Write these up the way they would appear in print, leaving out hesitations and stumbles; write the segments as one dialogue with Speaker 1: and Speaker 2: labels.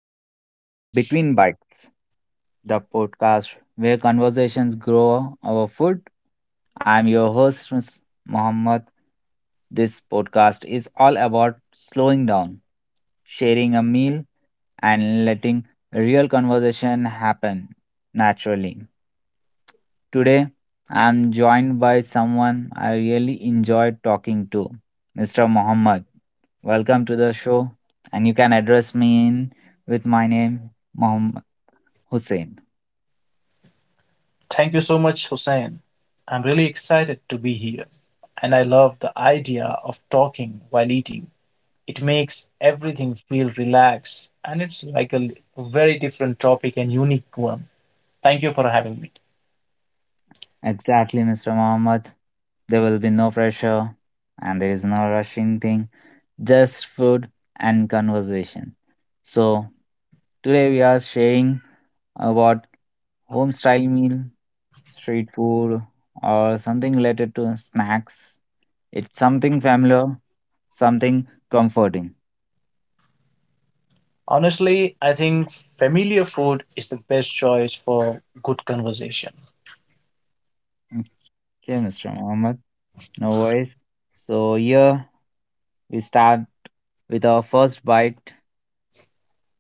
Speaker 1: to Between Bites, the podcast where conversations grow over food. I'm your host, Ms. Mohammed. This podcast is all about slowing down, sharing a meal, and letting real conversation happen naturally. Today, I'm joined by someone I really enjoy talking to, Mr. Mohammed. Welcome to the show, and you can address me in with my name, Mohammed Hussein.
Speaker 2: Thank you so much, Hussein. I'm really excited to be here, and I love the idea of talking while eating. It makes everything feel relaxed, and it's like a l- very different topic and unique one. Thank you for having me.
Speaker 1: Exactly, Mr. Mohammed. There will be no pressure and there is no rushing thing, just food and conversation. So, today we are sharing about home style meal, street food, or something related to snacks. It's something familiar, something comforting.
Speaker 2: Honestly, I think familiar food is the best choice for good conversation.
Speaker 1: Okay, Mr. Mohammed, no worries. So, here we start with our first bite.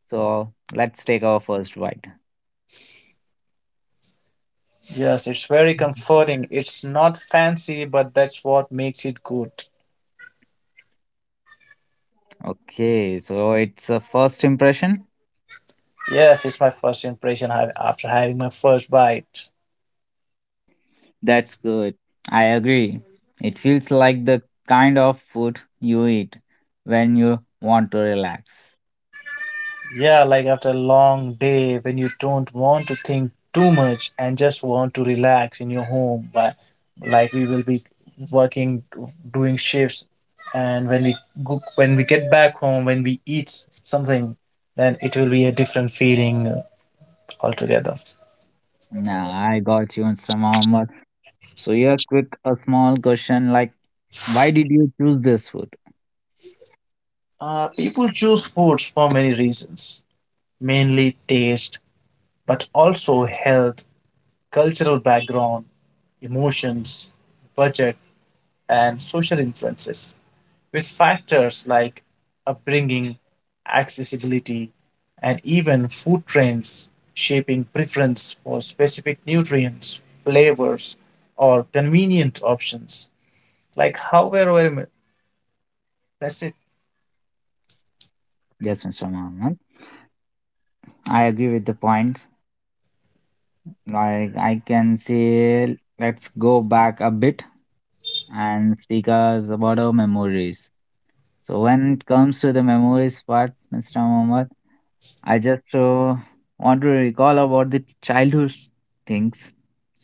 Speaker 1: So, let's take our first bite.
Speaker 2: Yes, it's very comforting. It's not fancy, but that's what makes it good.
Speaker 1: Okay, so it's a first impression?
Speaker 2: Yes, it's my first impression after having my first bite.
Speaker 1: That's good. I agree. It feels like the kind of food you eat when you want to relax.
Speaker 2: Yeah, like after a long day when you don't want to think too much and just want to relax in your home. But like we will be working, doing shifts, and when we get back home, when we eat something, then it will be a different feeling altogether.
Speaker 1: Now, I got you, Mr. Mohammed. So, here, quick, a small question like, why did you choose this food?
Speaker 2: People choose foods for many reasons, mainly taste, but also health, cultural background, emotions, budget, and social influences, with factors like upbringing, accessibility, and even food trends shaping preference for specific nutrients, flavors, or convenient options. Like how we're aware- that's it.
Speaker 1: Yes, Mr. Mohammed. I agree with the point. Like I can say, let's go back a bit and speak us about our memories. So when it comes to the memories part, Mr. Mohammed, I just want to recall about the childhood things.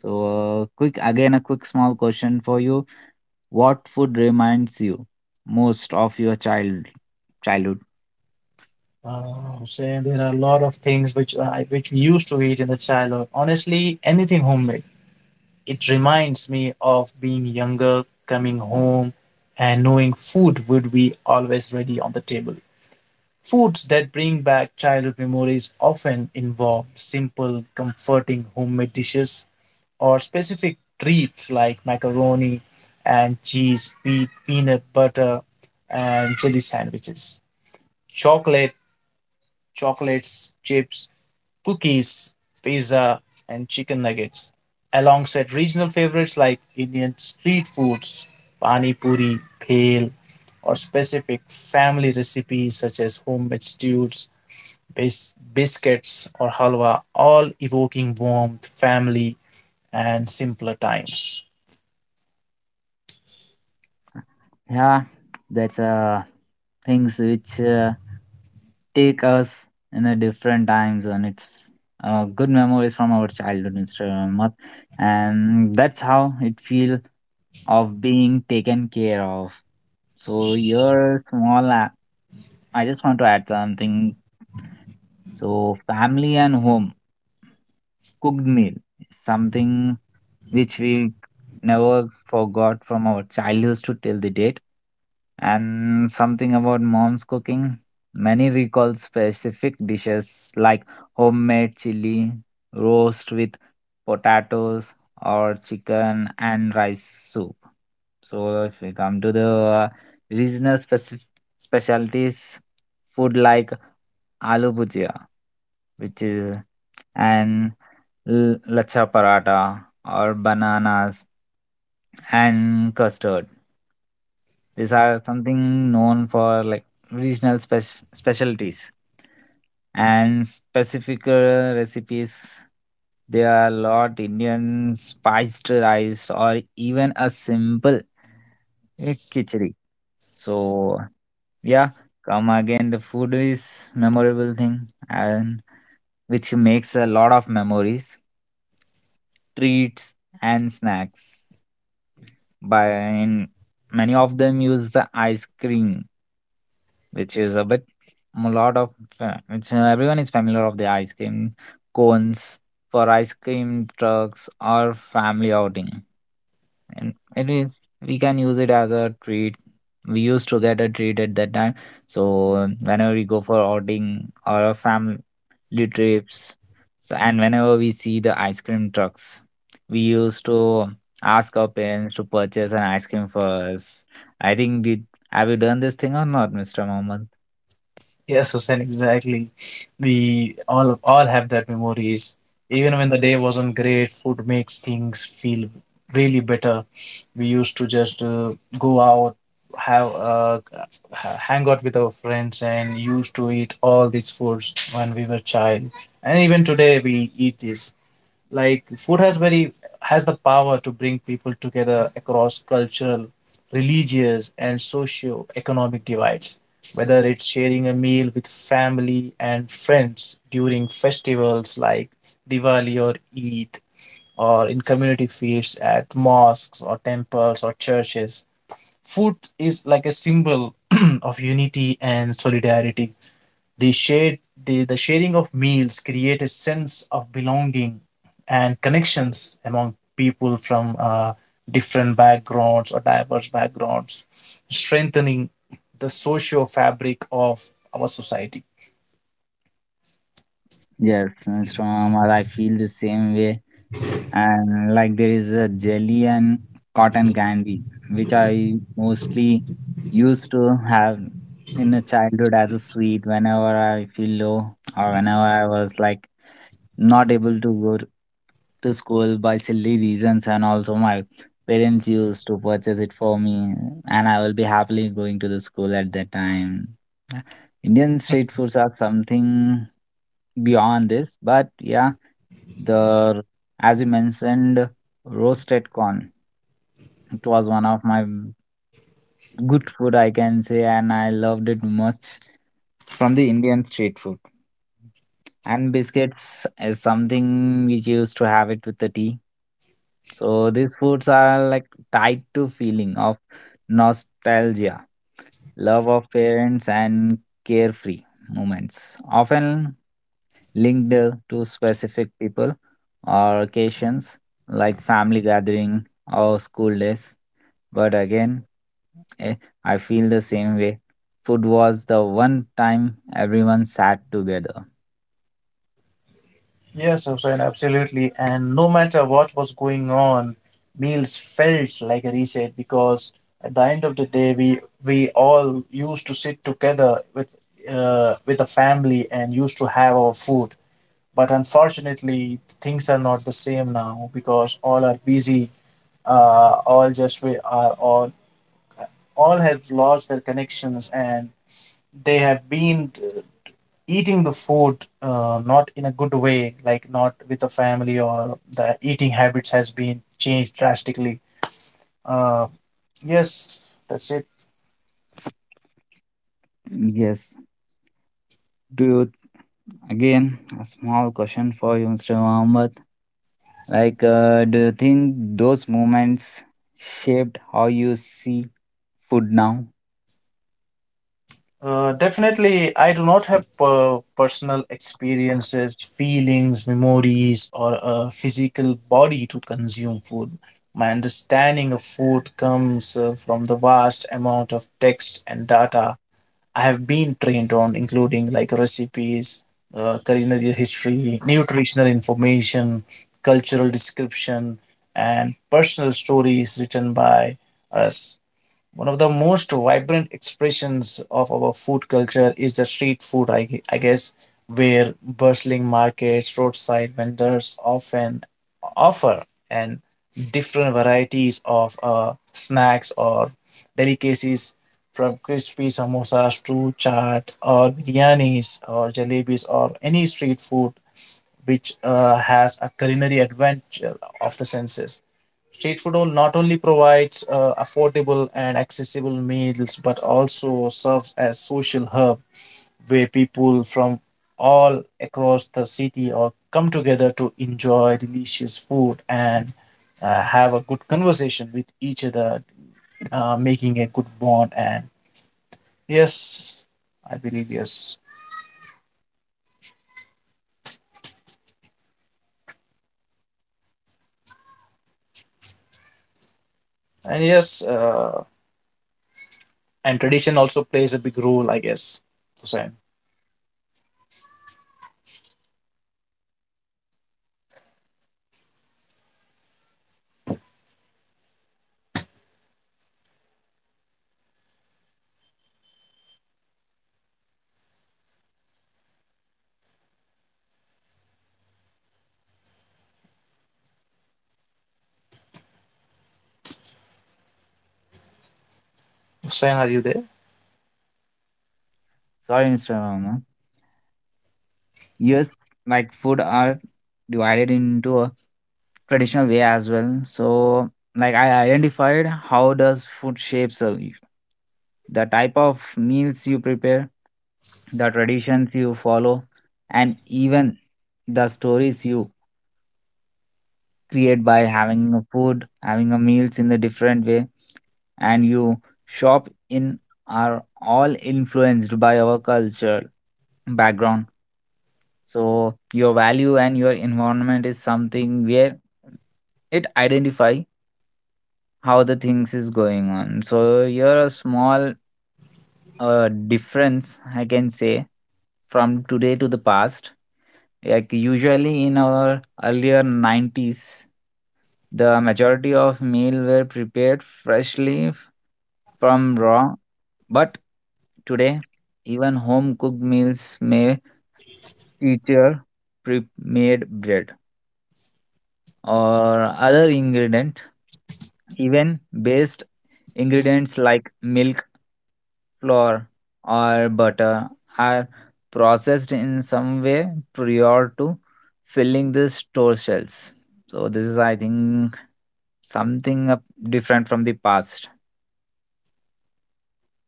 Speaker 1: So, quick again, a quick small question for you. What food reminds you most of your childhood?
Speaker 2: Say there are a lot of things which we used to eat in the childhood. Honestly, anything homemade. It reminds me of being younger, coming home, and knowing food would be always ready on the table. Foods that bring back childhood memories often involve simple, comforting homemade dishes or specific treats like macaroni and cheese, peanut butter, and jelly sandwiches, chocolate, chocolates, chips, cookies, pizza, and chicken nuggets, alongside regional favorites like Indian street foods, pani puri, bhel, or specific family recipes such as homemade stews biscuits, or halwa, all evoking warmth, family, and simpler times.
Speaker 1: Yeah, that's things which take us in a different times, and it's good memories from our childhood, Mr. Ahmad. And that's how it feel of being taken care of. So your small I just want to add something. So family and home cooked meal, something which we never forgot from our childhood to till the date, and something about mom's cooking. Many recall specific dishes like homemade chili, roast with potatoes, or chicken and rice soup. So if we come to the regional specif specialties, food like aloo bhujia, which is an lachcha paratha or bananas and custard. These are something known for like regional specialties and specific recipes. There are a lot Indian spiced rice or even a simple khichdi. So yeah, come again. The food is memorable thing and which makes a lot of memories, treats and snacks. By and many of them use the ice cream, which is a bit a lot of which everyone is familiar of the ice cream cones for ice cream trucks or family outing, and it is we can use it as a treat. We used to get a treat at that time. So whenever we go for outing or a family Blue trips. So, and whenever we see the ice cream trucks, we used to ask our parents to purchase an ice cream for us. I think did have you done this thing or not, Mr. Mohammed?
Speaker 2: Yes, Hussein, exactly. We all have that memories. Even when the day wasn't great, food makes things feel really better. We used to just go out, have hang out with our friends, and used to eat all these foods when we were child. And even today, we eat this like food has very has the power to bring people together across cultural religious and socio-economic divides, whether it's sharing a meal with family and friends during festivals like Diwali or Eid, or in community feasts at mosques or temples or churches. Food is like a symbol of unity and solidarity. The shared, the sharing of meals create a sense of belonging and connections among people from different backgrounds or diverse backgrounds, strengthening the socio fabric of our society.
Speaker 1: Yes, Mr. Mohammed, I feel the same way. And like there is a jelly and cotton candy, which I mostly used to have in a childhood as a sweet whenever I feel low or whenever I was like not able to go to school by silly reasons, and also my parents used to purchase it for me, and I will be happily going to the school at that time. Yeah, Indian street foods are something beyond this, but yeah, the as you mentioned roasted corn, it was one of my good food I can say, and I loved it much from the Indian street food. And biscuits is something which you used to have it with the tea. So these foods are like tied to feeling of nostalgia, love of parents and carefree moments, often linked to specific people or occasions like family gathering or school days. But again, eh, I feel the same way. Food was the one time everyone sat together.
Speaker 2: Yes, Hussain, absolutely. And no matter what was going on, meals felt like a reset because at the end of the day, we all used to sit together with the family and used to have our food. But unfortunately, things are not the same now because all are busy. All just we are all All have lost their connections and they have been eating the food not in a good way, like not with the family, or the eating habits has been changed drastically. Uh, yes, that's it.
Speaker 1: Yes, do you Again, a small question for you, Mr. Mohammed. Like, do you think those moments shaped how you see food now?
Speaker 2: Definitely, I do not have personal experiences, feelings, memories, or a physical body to consume food. My understanding of food comes from the vast amount of text and data I have been trained on, including like recipes, culinary history, nutritional information, cultural description, and personal stories written by us. One of the most vibrant expressions of our food culture is the street food, I guess, where bustling markets, roadside vendors often offer and different varieties of snacks or delicacies, from crispy samosas to chaat or biryanis or jalebis or any street food which has a culinary adventure of the senses. Street food all not only provides affordable and accessible meals but also serves as social hub where people from all across the city or come together to enjoy delicious food and have a good conversation with each other, making a good bond. And yes, I believe, yes, and yes, and tradition also plays a big role, I guess. Hussein, Hussein, are you there?
Speaker 1: Sorry, Mr. Mohammed. Yes, like food are divided into a traditional way as well. So, like, I identified how does food shapes the type of meals you prepare, the traditions you follow, and even the stories you create by having a food, having a meals in a different way. And you shop in are all influenced by our culture background. So your value and your environment is something where it identify how the things is going on. So you're a small difference I can say from today to the past. Like usually in our earlier 90s, the majority of meal were prepared freshly from raw, but today even home cooked meals may feature pre-made bread or other ingredient. Even based ingredients like milk, flour, or butter are processed in some way prior to filling the store shelves. So this is, I think, something up different from the past.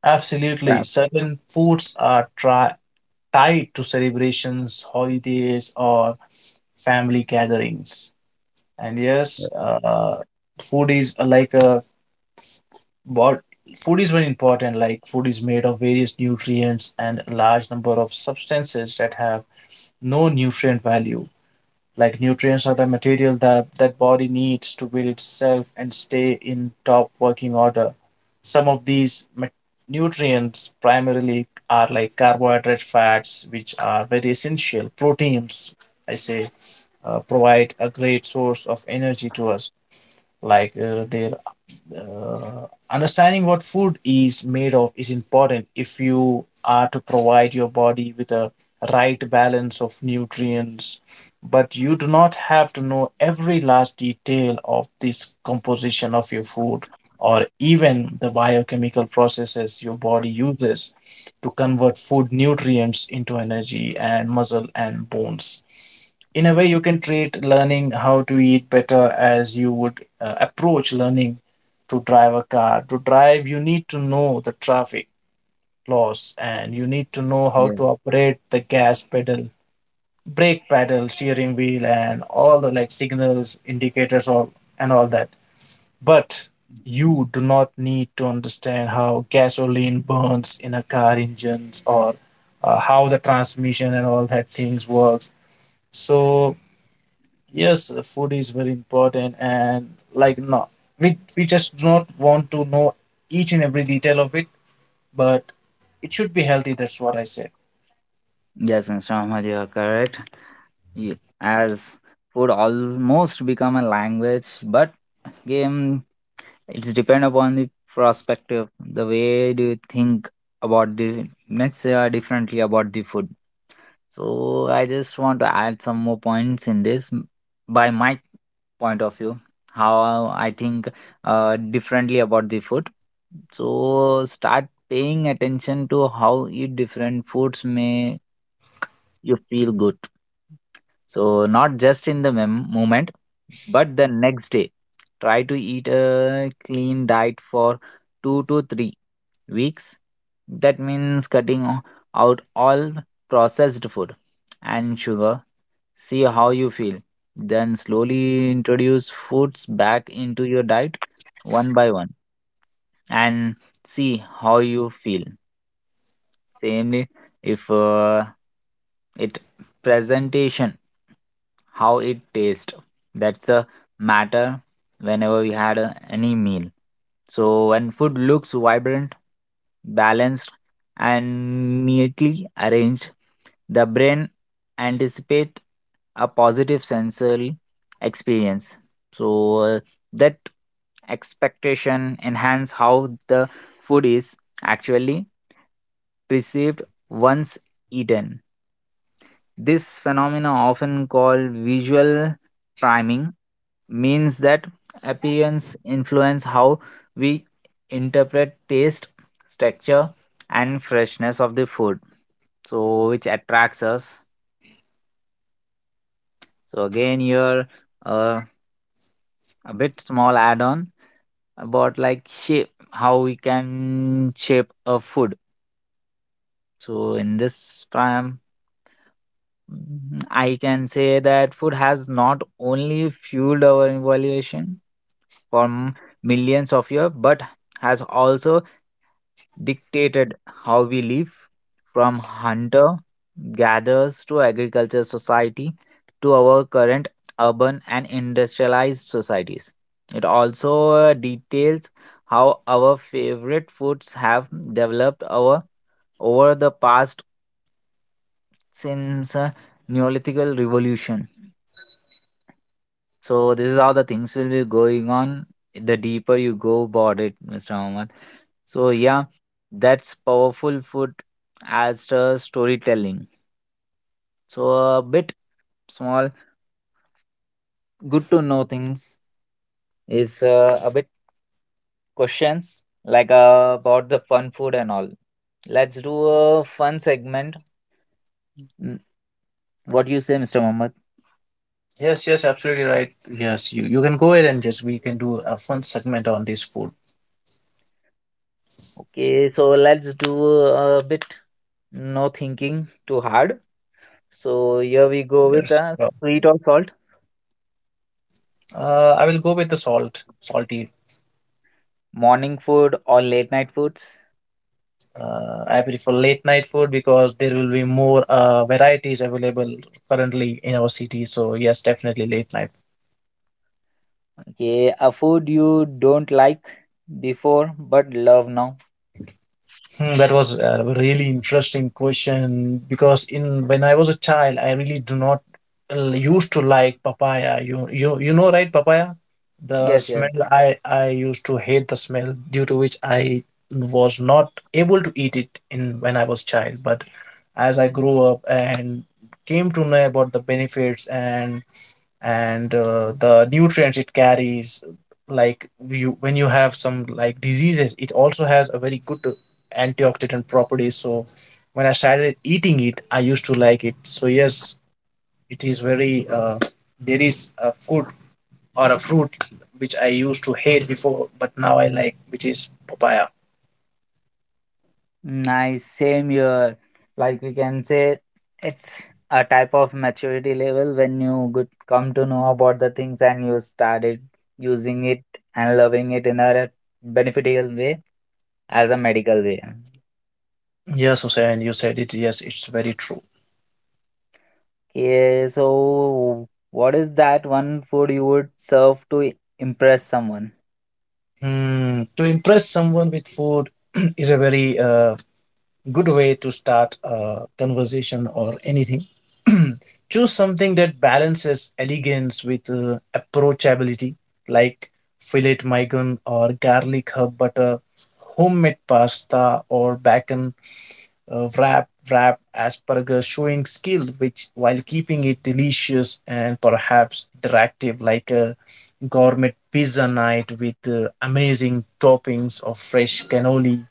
Speaker 2: Absolutely.
Speaker 1: Yeah.
Speaker 2: Certain foods are tri tied to celebrations, holidays, or family gatherings. And
Speaker 1: Yeah.
Speaker 2: yes, food is like a what food is very important. Like food is made of various nutrients and a large number of substances that have no nutrient value. Like nutrients are the material that body needs to build itself and stay in top working order. Some of these nutrients primarily are like carbohydrate fats, which are very essential proteins, I say, provide a great source of energy to us. Like there understanding what food is made of is important if you are to provide your body with a right balance of nutrients, but you do not have to know every last detail of this composition of your food, or even the biochemical processes your body uses to convert food nutrients into energy and muscle and bones. In a way you can treat learning how to eat better as you would approach learning to drive a car. To drive, you need to know the traffic laws, and you need to know how
Speaker 1: Yes.
Speaker 2: to operate the gas pedal, brake pedal, steering wheel, and all the like signals, indicators, all and all that. But you do not need to understand how gasoline burns in a car engines, or how the transmission and all that things works. So yes, the food is very important, and like no, we just do not want to know each and every detail of it, but it should be healthy. That's what I say.
Speaker 1: Yes, Mr. Ahmad, you are correct. As food almost become a language, but game it's depend upon the perspective. The way do you think about the, let's say differently about the food. So I just want to add some more points in this by my point of view, how I think differently about the food. So start paying attention to how eat different foods may you feel good. So, not just in the moment, but the next day. Try to eat a clean diet for 2 to 3 weeks. That means cutting out all processed food and sugar. See how you feel. Then slowly introduce foods back into your diet one by one and see how you feel. Same if it presentation, how it tastes. That's a matter whenever we had a, any meal. So when food looks vibrant, balanced, and neatly arranged, the brain anticipate a positive sensory experience. So that expectation enhance how the food is actually perceived once eaten. This phenomena, often called visual priming, means that appearance influence how we interpret taste, texture, and freshness of the food, so which attracts us. So again, here uh, a bit small add-on about like shape, how we can shape a food. So in this prime Mhm. I can say that food has not only fueled our evaluation for millions of years, but has also dictated how we live from hunter gatherers to agriculture society to our current urban and industrialized societies. It also details how our favorite foods have developed our over the past since Neolithic revolution. So this is how the things will be going on the deeper you go about it, Mr. Ahmad. So yeah, that's powerful food as the storytelling. So a bit small, good to know things is a bit questions like about the fun food and all. Let's do a fun segment. Mm, what do you say, Mr. Mohammed?
Speaker 2: Yes, yes, absolutely right. Yes, you can go ahead and just we can do a fun segment on this food.
Speaker 1: Okay, so let's do a bit no thinking too hard. So here we go with
Speaker 2: Yes. Sure.
Speaker 1: sweet or salt.
Speaker 2: I will go with the salt, salty.
Speaker 1: Morning food or late night foods?
Speaker 2: I prefer late night food because there will be more varieties available currently in our city. So yes, definitely late night.
Speaker 1: Okay, a food you don't like before but love now.
Speaker 2: Hmm, that was a really interesting question because in when I was a child, I really do not used to like papaya. You know, right, papaya? The
Speaker 1: Yes, yes.
Speaker 2: smell I used to hate the smell, due to which I was not able to eat it in when I was child. But as I grew up and came to know about the benefits and the nutrients it carries, like you when you have some like diseases, it also has a very good antioxidant properties. So when I started eating it, I used to like it. So yes, it is very there is a food or a fruit which I used to hate before but now I like, which is papaya.
Speaker 1: Nice, same here. Like we can say it's a type of maturity level when you good come to know about the things and you started using it and loving it in a beneficial way as a medical way.
Speaker 2: Yes, Hussein, you said it. Yes, it's very true.
Speaker 1: Okay, so what is that one food you would serve to impress someone?
Speaker 2: Hmm, to impress someone with food is a very good way to start a conversation or anything. Choose something that balances elegance with approachability, like fillet mignon or garlic herb butter, homemade pasta or bacon wrap asparagus, showing skill which while keeping it delicious and perhaps interactive, like a gourmet pizza night with amazing toppings of fresh cannoli.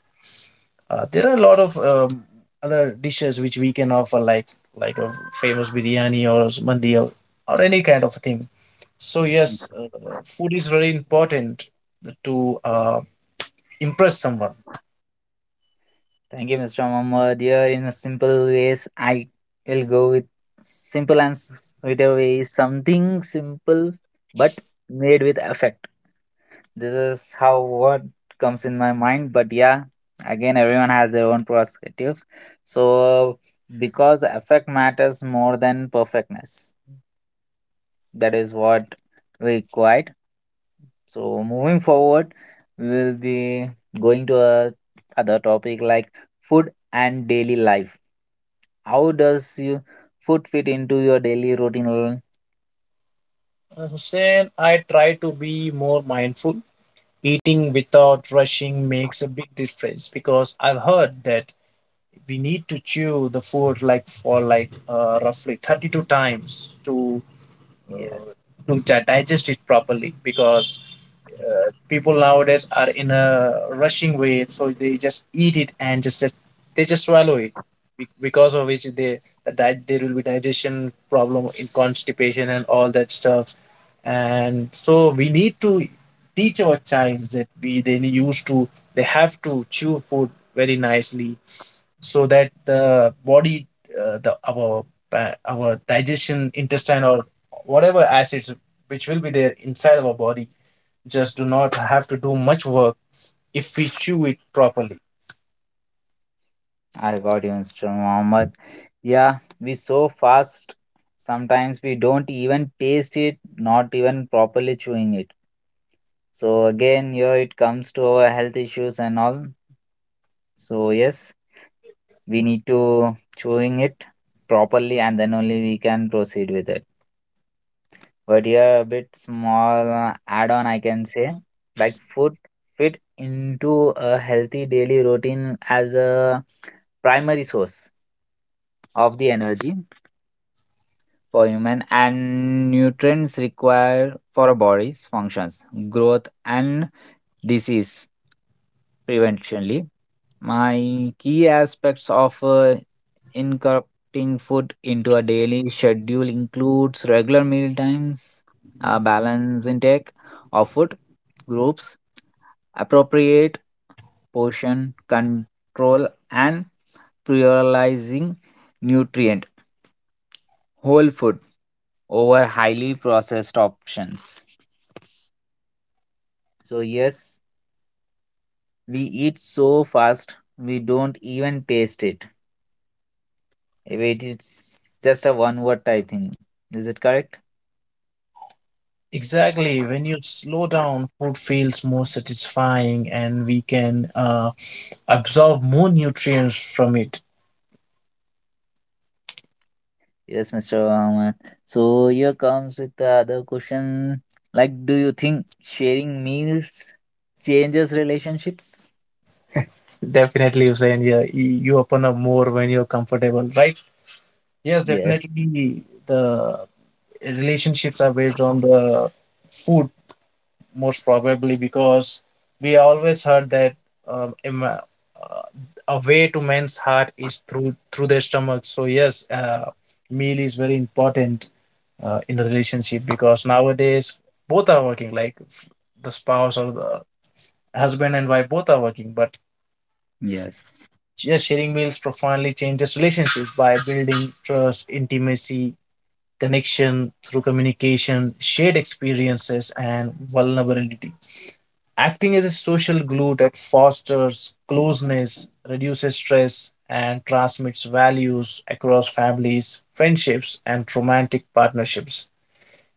Speaker 2: There are a lot of other dishes which we can offer, like a famous biryani or mandi, or any kind of thing. So yes, food is very important to impress someone.
Speaker 1: Thank you, Mr. Mohammed. Here, in a simple ways, I will go with simple and sweeter ways. Something simple but made with effect. This is how what comes in my mind. But yeah, again, everyone has their own perspectives. So because effect matters more than perfectness, that is what we required. So moving forward, we'll be going to a other topic like food and daily life. How does you food fit into your daily routine?
Speaker 2: Hussein, I try to be more mindful. Eating without rushing makes a big difference because I've heard that we need to chew the food like for like roughly 32 times to uh,
Speaker 1: Yes,
Speaker 2: to digest it properly, because people nowadays are in a rushing way, so they just eat it and just they just swallow it, because of which there will be digestion problem in constipation and all that stuff. And so we need to teach our child that we they used to they have to chew food very nicely, so that the body, our digestion intestine or whatever acids which will be there inside our body just do not have to do much work if we chew it properly.
Speaker 1: I got you, Mr. Mohammed. Yeah, we so fast. Sometimes we don't even taste it, not even properly chewing it. So again, here it comes to our health issues and all. So yes, we need to chewing it properly, and then only we can proceed with it. But here a bit small add-on I can say, like food fit into a healthy daily routine as a primary source of the energy for human and nutrients required for a body's functions, growth and disease preventionally. My key aspects of incorporating food into a daily schedule includes regular meal times, a balanced intake of food groups, appropriate portion control, and prioritizing nutrient whole food over highly processed options. So yes, we eat so fast we don't even taste it. Wait, it's just a one word, I think. Is it correct?
Speaker 2: Exactly. When you slow down, food feels more satisfying and we can absorb more nutrients from it.
Speaker 1: Yes, Mr. Rahman. So here comes with the other question. Like, do you think sharing meals changes relationships?
Speaker 2: Definitely, Hussein. Yeah, you open up more when you're comfortable, right? Yes,
Speaker 1: Yes.
Speaker 2: definitely. The relationships are based on the food, most probably, because we always heard that um, em- uh, a way to men's heart is through their stomach. So yes, meal is very important in the relationship, because nowadays both are working, like the spouse or the husband and wife both are working. But
Speaker 1: Yes,
Speaker 2: yes, sharing meals profoundly changes relationships by building trust, intimacy, connection through communication, shared experiences, and vulnerability, acting as a social glue that fosters closeness, reduces stress, and transmits values across families, friendships, and romantic partnerships.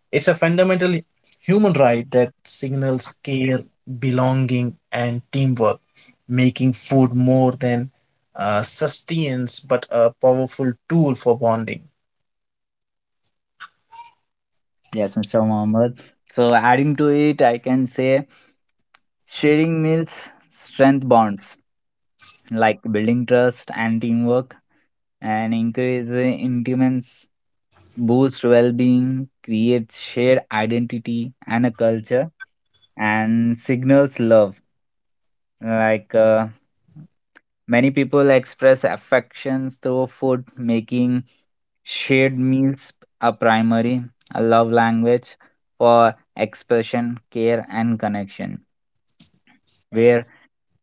Speaker 2: It's a fundamental human right that signals care, belonging, and teamwork, making food more than sustenance but a powerful tool for bonding.
Speaker 1: yes, Mr. Mohammed. So, adding to it, I can say sharing meals strength bonds like building trust and teamwork, and encourage the endurance, boost well-being, create shared identity and a culture, and signals love. Like many people express affections through food, making shared meals a primary a love language for expression, care, and connection. Where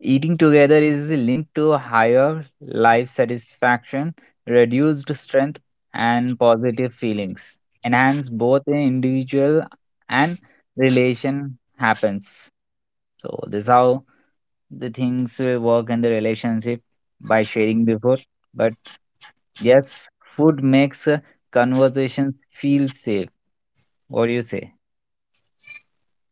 Speaker 1: eating together is linked to higher life satisfaction, reduced strength, and positive feelings. Enhance both in individual and relation happens. So this is how the things will work in the relationship by sharing before. But yes, food makes conversations feel safe. What do you say?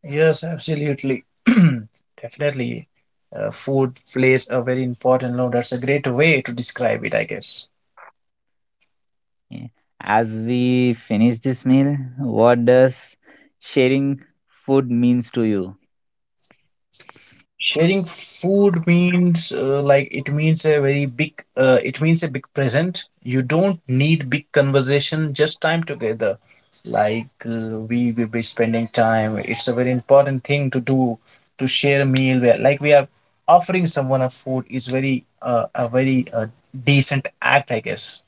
Speaker 2: Yes, absolutely. Definitely. Food plays a very important role. That's a great way to describe it, I guess.
Speaker 1: Yeah. As we finish this meal, what does sharing food means to you?
Speaker 2: Sharing food means it means a big present. You don't need big conversation, just time together. Like we will be spending time. It's a very important thing to do, to share a meal where like we are offering someone a food, is very a very decent act, I guess.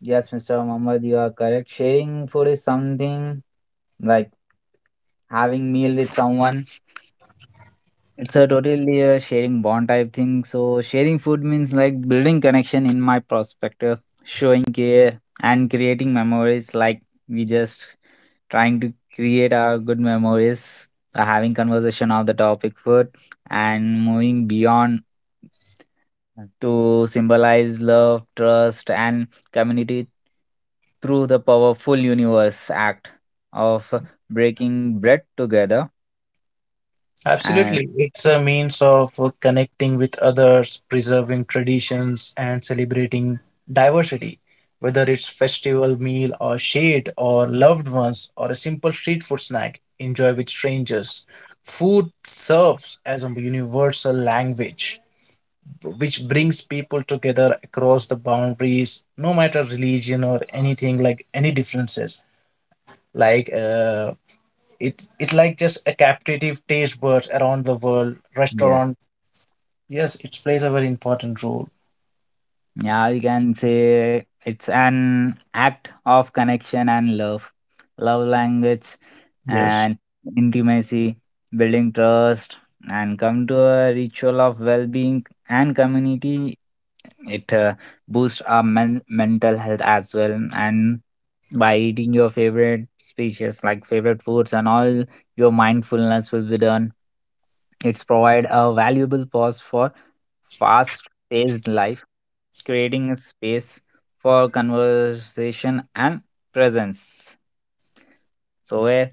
Speaker 1: Yes, Mr. Muhammad, you are correct. Sharing food is something like having meal with someone. It's a totally a sharing bond type thing. So sharing food means like building connection in my perspective, showing care and creating memories like we just trying to create our good memories, having conversation of the topic food and moving beyond to symbolize love, trust, and community through the powerful universe act of breaking bread together. And
Speaker 2: Absolutely. It's a means of connecting with others, preserving traditions, and celebrating diversity, whether it's festival meal or shade or loved ones, or a simple street food snack, enjoy with strangers. Food serves as a universal language which brings people together across the boundaries, no matter religion or anything like any differences. Like it like just a captive taste buds around the world.
Speaker 1: yes,
Speaker 2: Restaurant, yes, it plays a very important role.
Speaker 1: yeah, we can say it's an act of connection and love, love language,
Speaker 2: Yes,
Speaker 1: and intimacy, building trust, and come to a ritual of well being and community. It boosts our mental health as well. And by eating your favorite species, like favorite foods and all, your mindfulness will be done. It's provide a valuable pause for fast-paced life, creating a space for conversation and presence. So where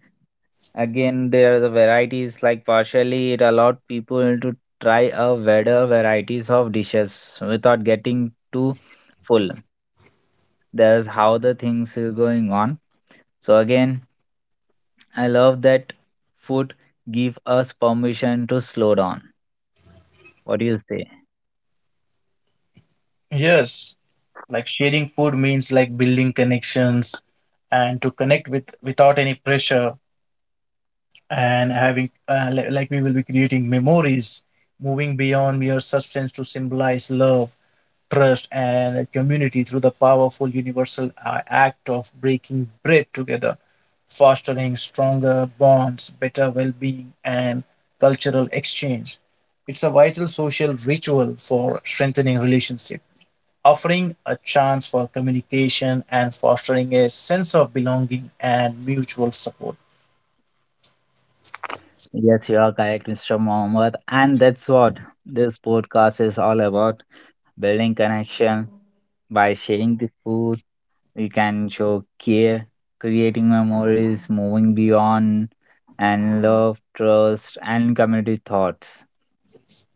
Speaker 1: again there are the varieties like partially it allowed people to try a wider varieties of dishes without getting too full. That's how the things is going on. So again, I love that food give us permission to slow down. What do you say?
Speaker 2: yes. Like sharing food means like building connections and to connect with without any pressure, and having like we will be creating memories, moving beyond mere substance to symbolize love, trust, and community through the powerful universal act of breaking bread together, fostering stronger bonds, better well being, and cultural exchange. It's a vital social ritual for strengthening relationship, offering a chance for communication and fostering a sense of belonging and mutual support.
Speaker 1: Yes, you are correct, Mr. Mohammed. And that's what this podcast is all about. Building connection by sharing the food. We can show care, creating memories, moving beyond, and love, trust, and community thoughts.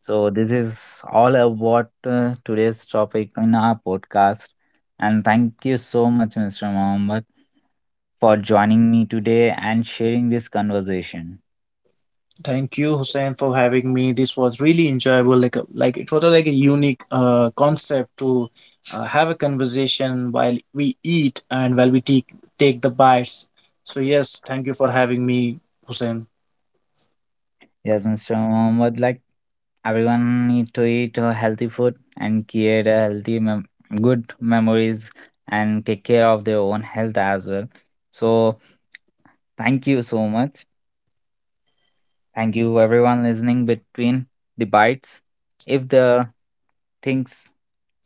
Speaker 1: So, this is all about today's topic in our podcast. And thank you so much, Mr. Mohammed, for joining me today and sharing this conversation.
Speaker 2: Thank you, Hussein, for having me. This was really enjoyable. Like a unique concept to have a conversation while we eat and while we take the bites. So yes, thank you for having me, Hussein.
Speaker 1: Yes, Mr. Mohammed, like everyone need to eat a healthy food and create a healthy good memories and take care of their own health as well. So, thank you so much. Thank you everyone listening between the bites. If the things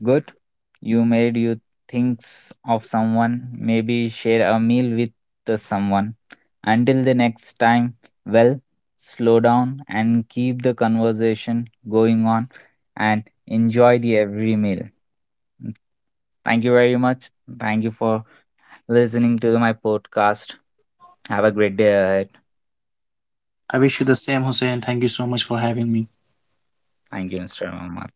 Speaker 1: Good. You made you thinks of someone, maybe share a meal with the someone. Until the next time, well, slow down and keep the conversation going on and enjoy the every meal. Thank you very much. Thank you for listening to my podcast. Have a great day ahead.
Speaker 2: I wish you the same, Hussein. Thank you so much for having me.
Speaker 1: Thank you, Mr. Muhammad.